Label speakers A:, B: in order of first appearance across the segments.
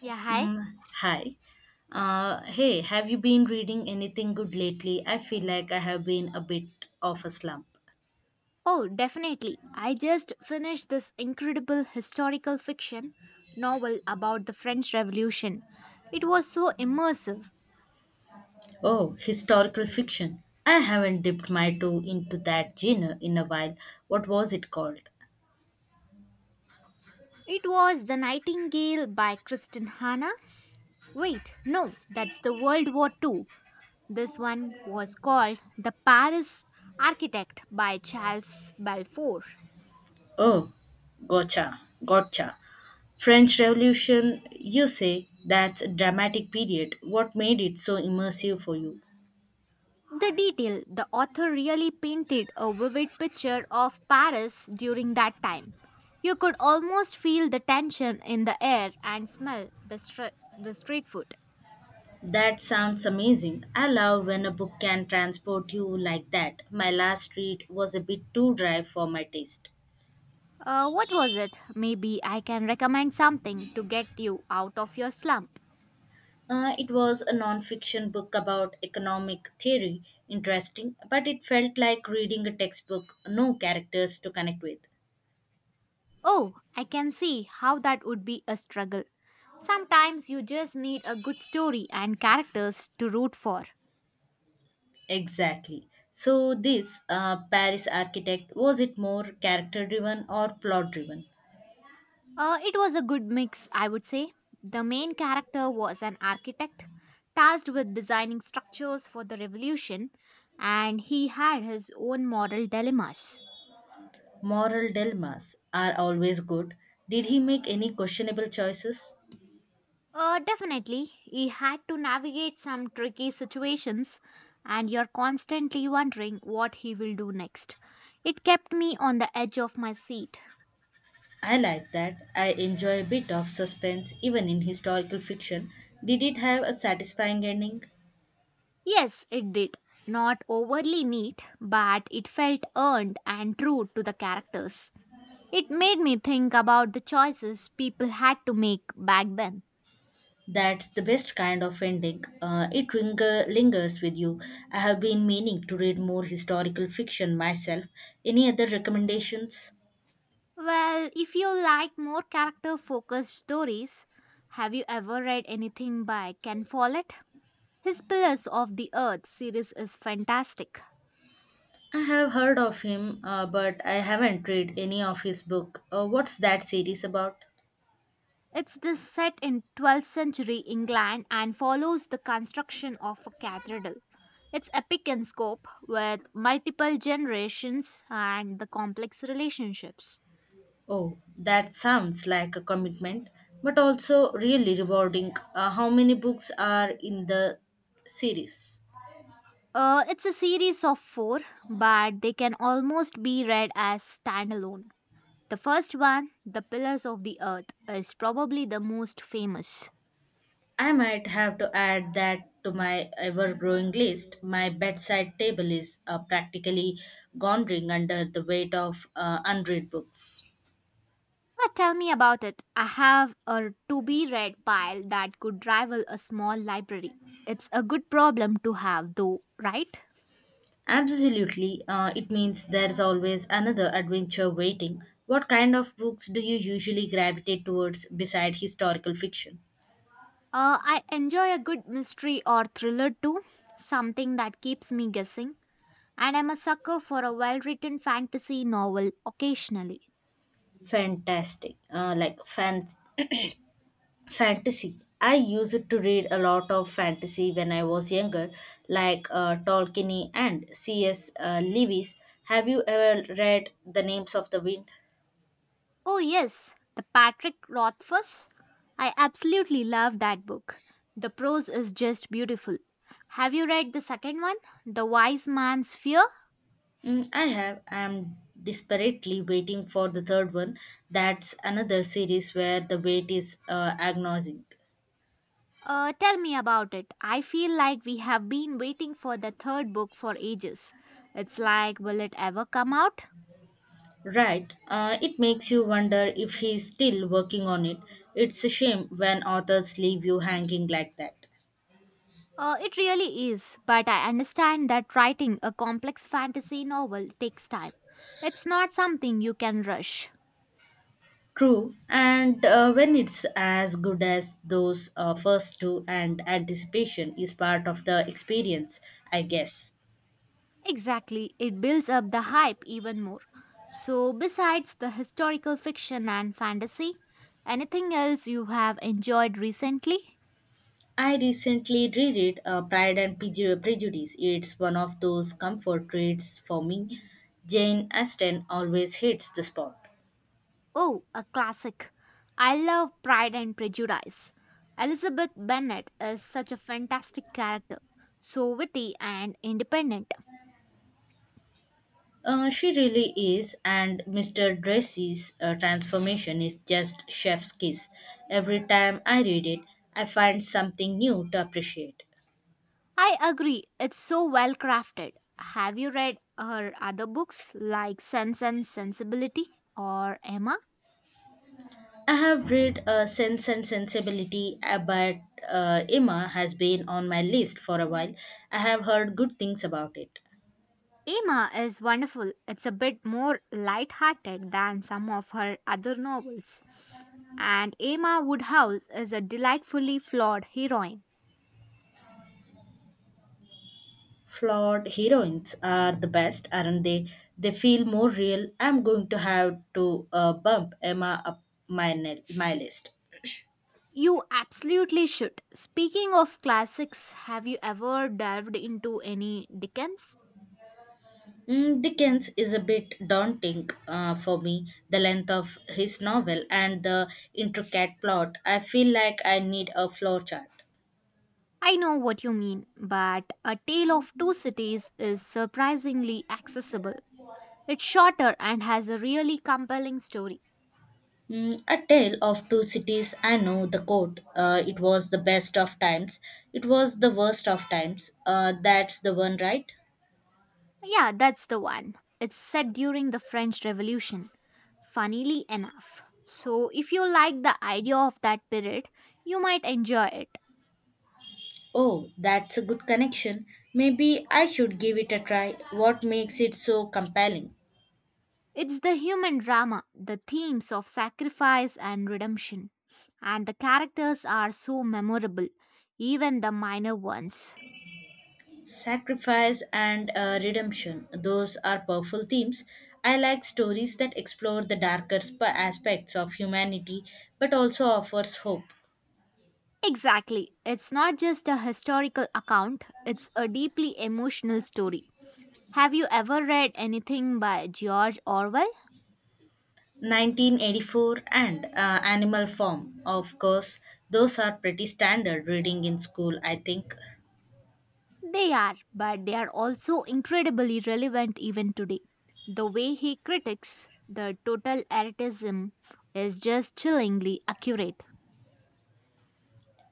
A: Yeah, hi.
B: Mm, hi. Hey, have you been reading anything good lately? I feel like I have been a bit of a slump.
A: Oh, definitely. I just finished this incredible historical fiction novel about the French Revolution. It was so immersive.
B: Oh, historical fiction. I haven't dipped my toe into that genre in a while. What was it called?
A: It was The Nightingale by Kristen Hanna. Wait, no, that's the World War Two. This one was called The Paris Architect by Charles Balfour.
B: Oh, gotcha. French Revolution, you say, that's a dramatic period. What made it so immersive for you?
A: The detail the author really painted a vivid picture of Paris during that time. You could almost feel the tension in the air and smell the street food.
B: That sounds amazing. I love when a book can transport you like that. My last read was a bit too dry for my taste.
A: What was it? Maybe I can recommend something to get you out of your slump.
B: It was a non-fiction book about economic theory, interesting, but it felt like reading a textbook, no characters to connect with.
A: Oh, I can see how that would be a struggle. Sometimes you just need a good story and characters to root for.
B: Exactly. So this Paris architect was it more character-driven or plot-driven?
A: It was a good mix, I would say. The main character was an architect tasked with designing structures for the revolution, and he had his own moral dilemmas.
B: Moral dilemmas are always good. Did he make any questionable choices?
A: Definitely, he had to navigate some tricky situations, and you're constantly wondering what he will do next. It kept me on the edge of my seat.
B: I like that. I enjoy a bit of suspense even in historical fiction. Did it have a satisfying ending?
A: Yes, it did. Not overly neat, but it felt earned and true to the characters. It made me think about the choices people had to make back then.
B: That's the best kind of ending. It lingers with you. I have been meaning to read more historical fiction myself. Any other recommendations?
A: Well, if you like more character focused stories, have you ever read anything by Ken Follett? His Pillars of the Earth series is fantastic.
B: I have heard of him, but I haven't read any of his book. What's that series about?
A: It's this set in 12th century England and follows the construction of a cathedral. It's epic in scope with multiple generations and the complex relationships.
B: Oh, that sounds like a commitment, but also really rewarding. How many books are in the series?
A: It's a series of four, but they can almost be read as standalone. The first one, The Pillars of the Earth, is probably the most famous.
B: I might have to add that to my ever growing list. My bedside table is practically gondering under the weight of unread books.
A: But tell me about it. I have a to be read pile that could rival a small library. It's a good problem to have, though, right?
B: Absolutely, it means there's always another adventure waiting. What kind of books do you usually gravitate towards beside historical fiction?
A: I enjoy a good mystery or thriller too, something that keeps me guessing. And I'm a sucker for a well written fantasy novel occasionally.
B: Fantastic. Fantasy. I used to read a lot of fantasy when I was younger, like Tolkien and C.S. Lewis. Have you ever read The Names of the Wind?
A: Oh, yes, the Patrick Rothfuss. I absolutely love that book. The prose is just beautiful. Have you read the second one, The Wise Man's Fear?
B: I have. I am desperately waiting for the third one. That's another series where the wait is agonizing.
A: Tell me about it. I feel like we have been waiting for the third book for ages. It's like, will it ever come out?
B: Right. It makes you wonder if he's still working on it. It's a shame when authors leave you hanging like that.
A: It really is, but I understand that writing a complex fantasy novel takes time. It's not something you can rush.
B: True, and when it's as good as those first two, and anticipation is part of the experience, I guess.
A: Exactly, it builds up the hype even more. So, besides the historical fiction and fantasy, anything else you have enjoyed recently?
B: I recently reread Prejudice. It's one of those comfort reads for me. Jane Austen always hits the spot.
A: Oh, a classic. I love Pride and Prejudice. Elizabeth Bennet is such a fantastic character, so witty and independent.
B: She really is, and Mr. Dressy's transformation is just chef's kiss. Every time I read it, I find something new to appreciate.
A: I agree, it's so well crafted. Have you read her other books like Sense and Sensibility or Emma?
B: I have read Sense and Sensibility, but Emma has been on my list for a while. I have heard good things about it.
A: Emma is wonderful. It's a bit more light-hearted than some of her other novels. And Emma Woodhouse is a delightfully flawed heroine.
B: Flawed heroines are the best, aren't they? They feel more real. I'm going to have to bump Emma up my list.
A: You absolutely should. Speaking of classics, have you ever delved into any Dickens?
B: Dickens is a bit daunting for me, the length of his novel and the intricate plot. I feel like I need a flow chart.
A: I know what you mean, but A Tale of Two Cities is surprisingly accessible. It's shorter and has a really compelling story.
B: A tale of two cities. I know the quote. It was the best of times. It was the worst of times. That's the one, right?
A: Yeah, that's the one. It's set during the French Revolution, funnily enough. So, if you like the idea of that period, you might enjoy it.
B: Oh, that's a good connection. Maybe I should give it a try. What makes it so compelling?
A: It's the human drama, the themes of sacrifice and redemption, and the characters are so memorable, even the minor ones.
B: Sacrifice and redemption. Those are powerful themes. I like stories that explore the aspects of humanity but also offers hope.
A: Exactly. It's not just a historical account, it's a deeply emotional story. Have you ever read anything by George Orwell?
B: 1984 and Animal Farm. Of course, those are pretty standard reading in school, I think.
A: They are, but they are also incredibly relevant even today. The way he critiques the totalitarianism is just chillingly accurate.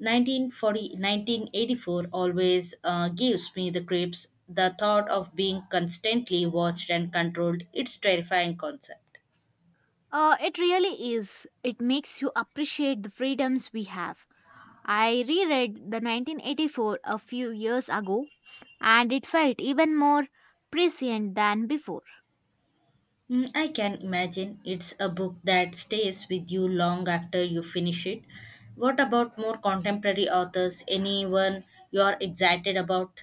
B: 1984, always gives me the creeps. The thought of being constantly watched and controlled, it's terrifying concept.
A: It really is. It makes you appreciate the freedoms we have. I reread the 1984 a few years ago and it felt even more prescient than before.
B: I can imagine it's a book that stays with you long after you finish it. What about more contemporary authors? Anyone you are excited about?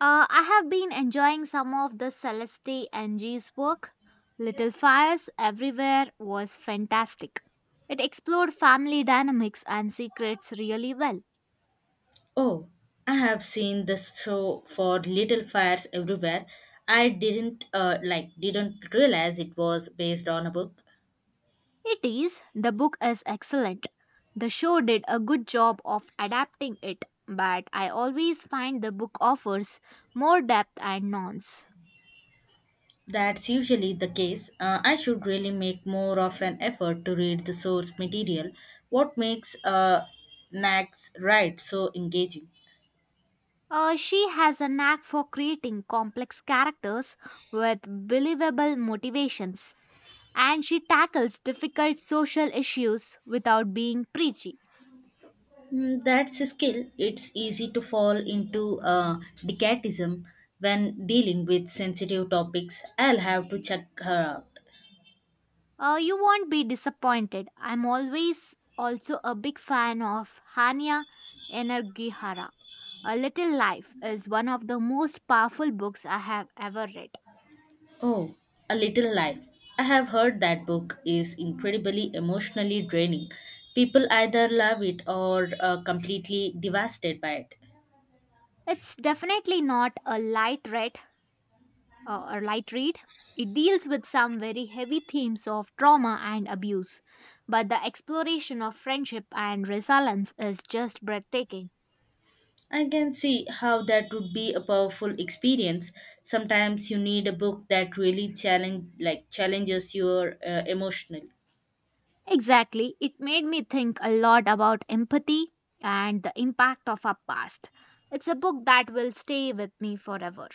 A: I have been enjoying some of the Celeste Ng's work. Little Fires Everywhere was fantastic. It explored family dynamics and secrets really well.
B: Oh, I have seen this show for Little Fires Everywhere. I didn't didn't realize it was based on a book.
A: It is, the book is excellent. The show did a good job of adapting it, but I always find the book offers more depth and nuance.
B: That's usually the case. I should really make more of an effort to read the source material. What makes Nag's Ride so engaging?
A: She has a knack for creating complex characters with believable motivations, and she tackles difficult social issues without being preachy.
B: That's a skill. It's easy to fall into decatism when dealing with sensitive topics. I'll have to check her out.
A: You won't be disappointed. I'm always also a big fan of Hania Energihara. A Little Life is one of the most powerful books I have ever read.
B: Oh, A Little Life. I have heard that book is incredibly emotionally draining. People either love it or are completely devastated by it.
A: It's definitely not a light read or light read. It deals with some very heavy themes of trauma and abuse, but the exploration of friendship and resilience is just breathtaking.
B: I can see how that would be a powerful experience. Sometimes you need a book that really challenges your emotional.
A: Exactly. It made me think a lot about empathy and the impact of our past. It's a book that will stay with me forever.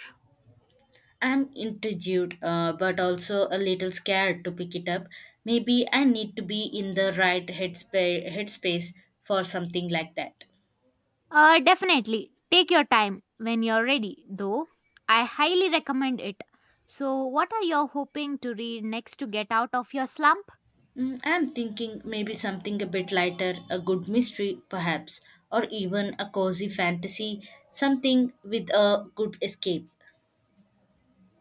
B: I'm intrigued but also a little scared to pick it up. Maybe I need to be in the right headspace for something like that.
A: Definitely. Take your time when you're ready, though. I highly recommend it. So, what are you hoping to read next to get out of your slump?
B: I'm thinking maybe something a bit lighter, a good mystery perhaps, or even a cozy fantasy, something with a good escape.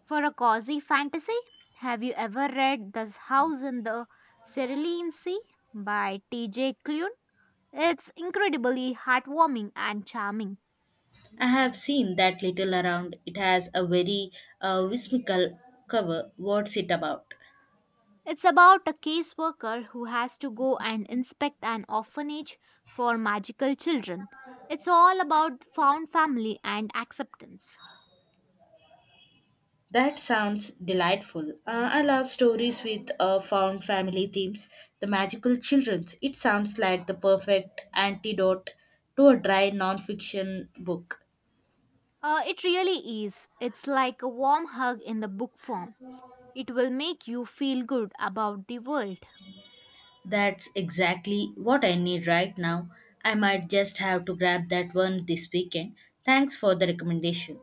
A: For a cozy fantasy, have you ever read The House in the Cerulean Sea by T.J. Clune? It's incredibly heartwarming and charming.
B: I have seen that little around. It has a very whimsical cover. What's it about?
A: It's about a caseworker who has to go and inspect an orphanage for magical children. It's all about found family and acceptance.
B: That sounds delightful. I love stories with found family themes, the magical children's. It sounds like the perfect antidote to a dry non-fiction book.
A: It really is. It's like a warm hug in the book form. It will make you feel good about the world.
B: That's exactly what I need right now. I might just have to grab that one this weekend. Thanks for the recommendation.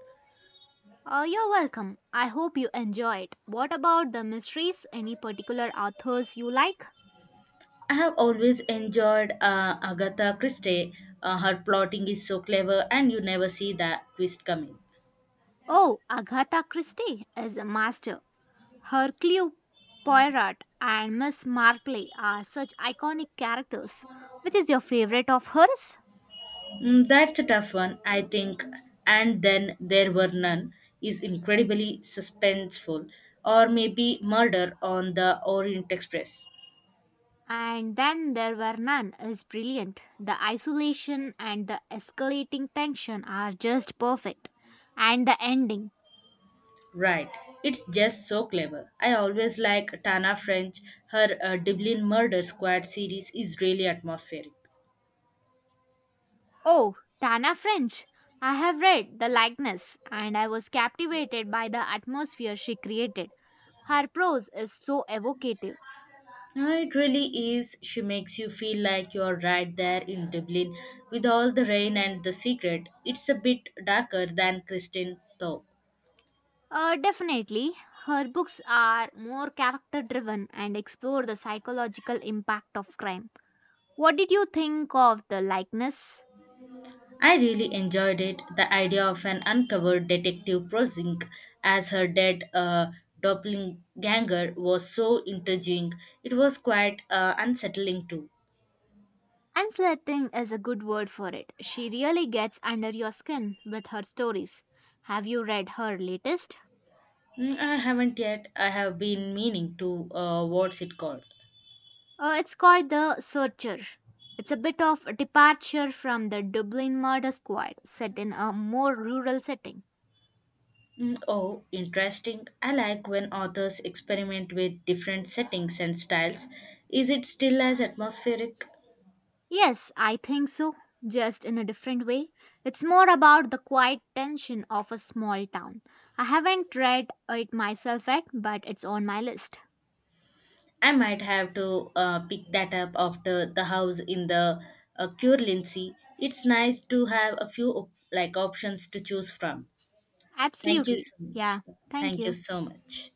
A: You're welcome. I hope you enjoy it. What about the mysteries? Any particular authors you like?
B: I have always enjoyed Agatha Christie. Her plotting is so clever, and you never see that twist coming.
A: Oh, Agatha Christie is a master. Hercule Poirot and Miss Marple are such iconic characters. Which is your favorite of hers?
B: That's a tough one, I think. And then there were none is incredibly suspenseful, or maybe Murder on the Orient Express.
A: And then there were none is brilliant. The isolation and the escalating tension are just perfect. And the ending.
B: Right. It's just so clever. I always like Tana French. Her Dublin Murder Squad series is really atmospheric.
A: Oh, Tana French. I have read The Likeness and I was captivated by the atmosphere she created. Her prose is so evocative.
B: It really is. She makes you feel like you're right there in Dublin with all the rain and the secret. It's a bit darker than Kristen, though.
A: Definitely, her books are more character driven and explore the psychological impact of crime. What did you think of the likeness?
B: I really enjoyed it. The idea of an uncovered detective Prozink as her dead doppelganger was so intriguing. It was quite unsettling, too.
A: Unsettling is a good word for it. She really gets under your skin with her stories. Have you read her latest?
B: I haven't yet. I have been meaning to. What's it called?
A: It's called The Searcher. It's a bit of a departure from the Dublin murder squad, set in a more rural setting.
B: Oh, interesting. I like when authors experiment with different settings and styles. Is it still as atmospheric?
A: Yes, I think so, just in a different way. It's more about the quiet tension of a small town. I haven't read it myself yet, but it's on my list.
B: I might have to pick that up after the house in the Curlincy. It's nice to have a few options to choose from. Thank you
A: Absolutely.
B: so much.
A: Yeah, thank
B: Thank you
A: you.
B: so much.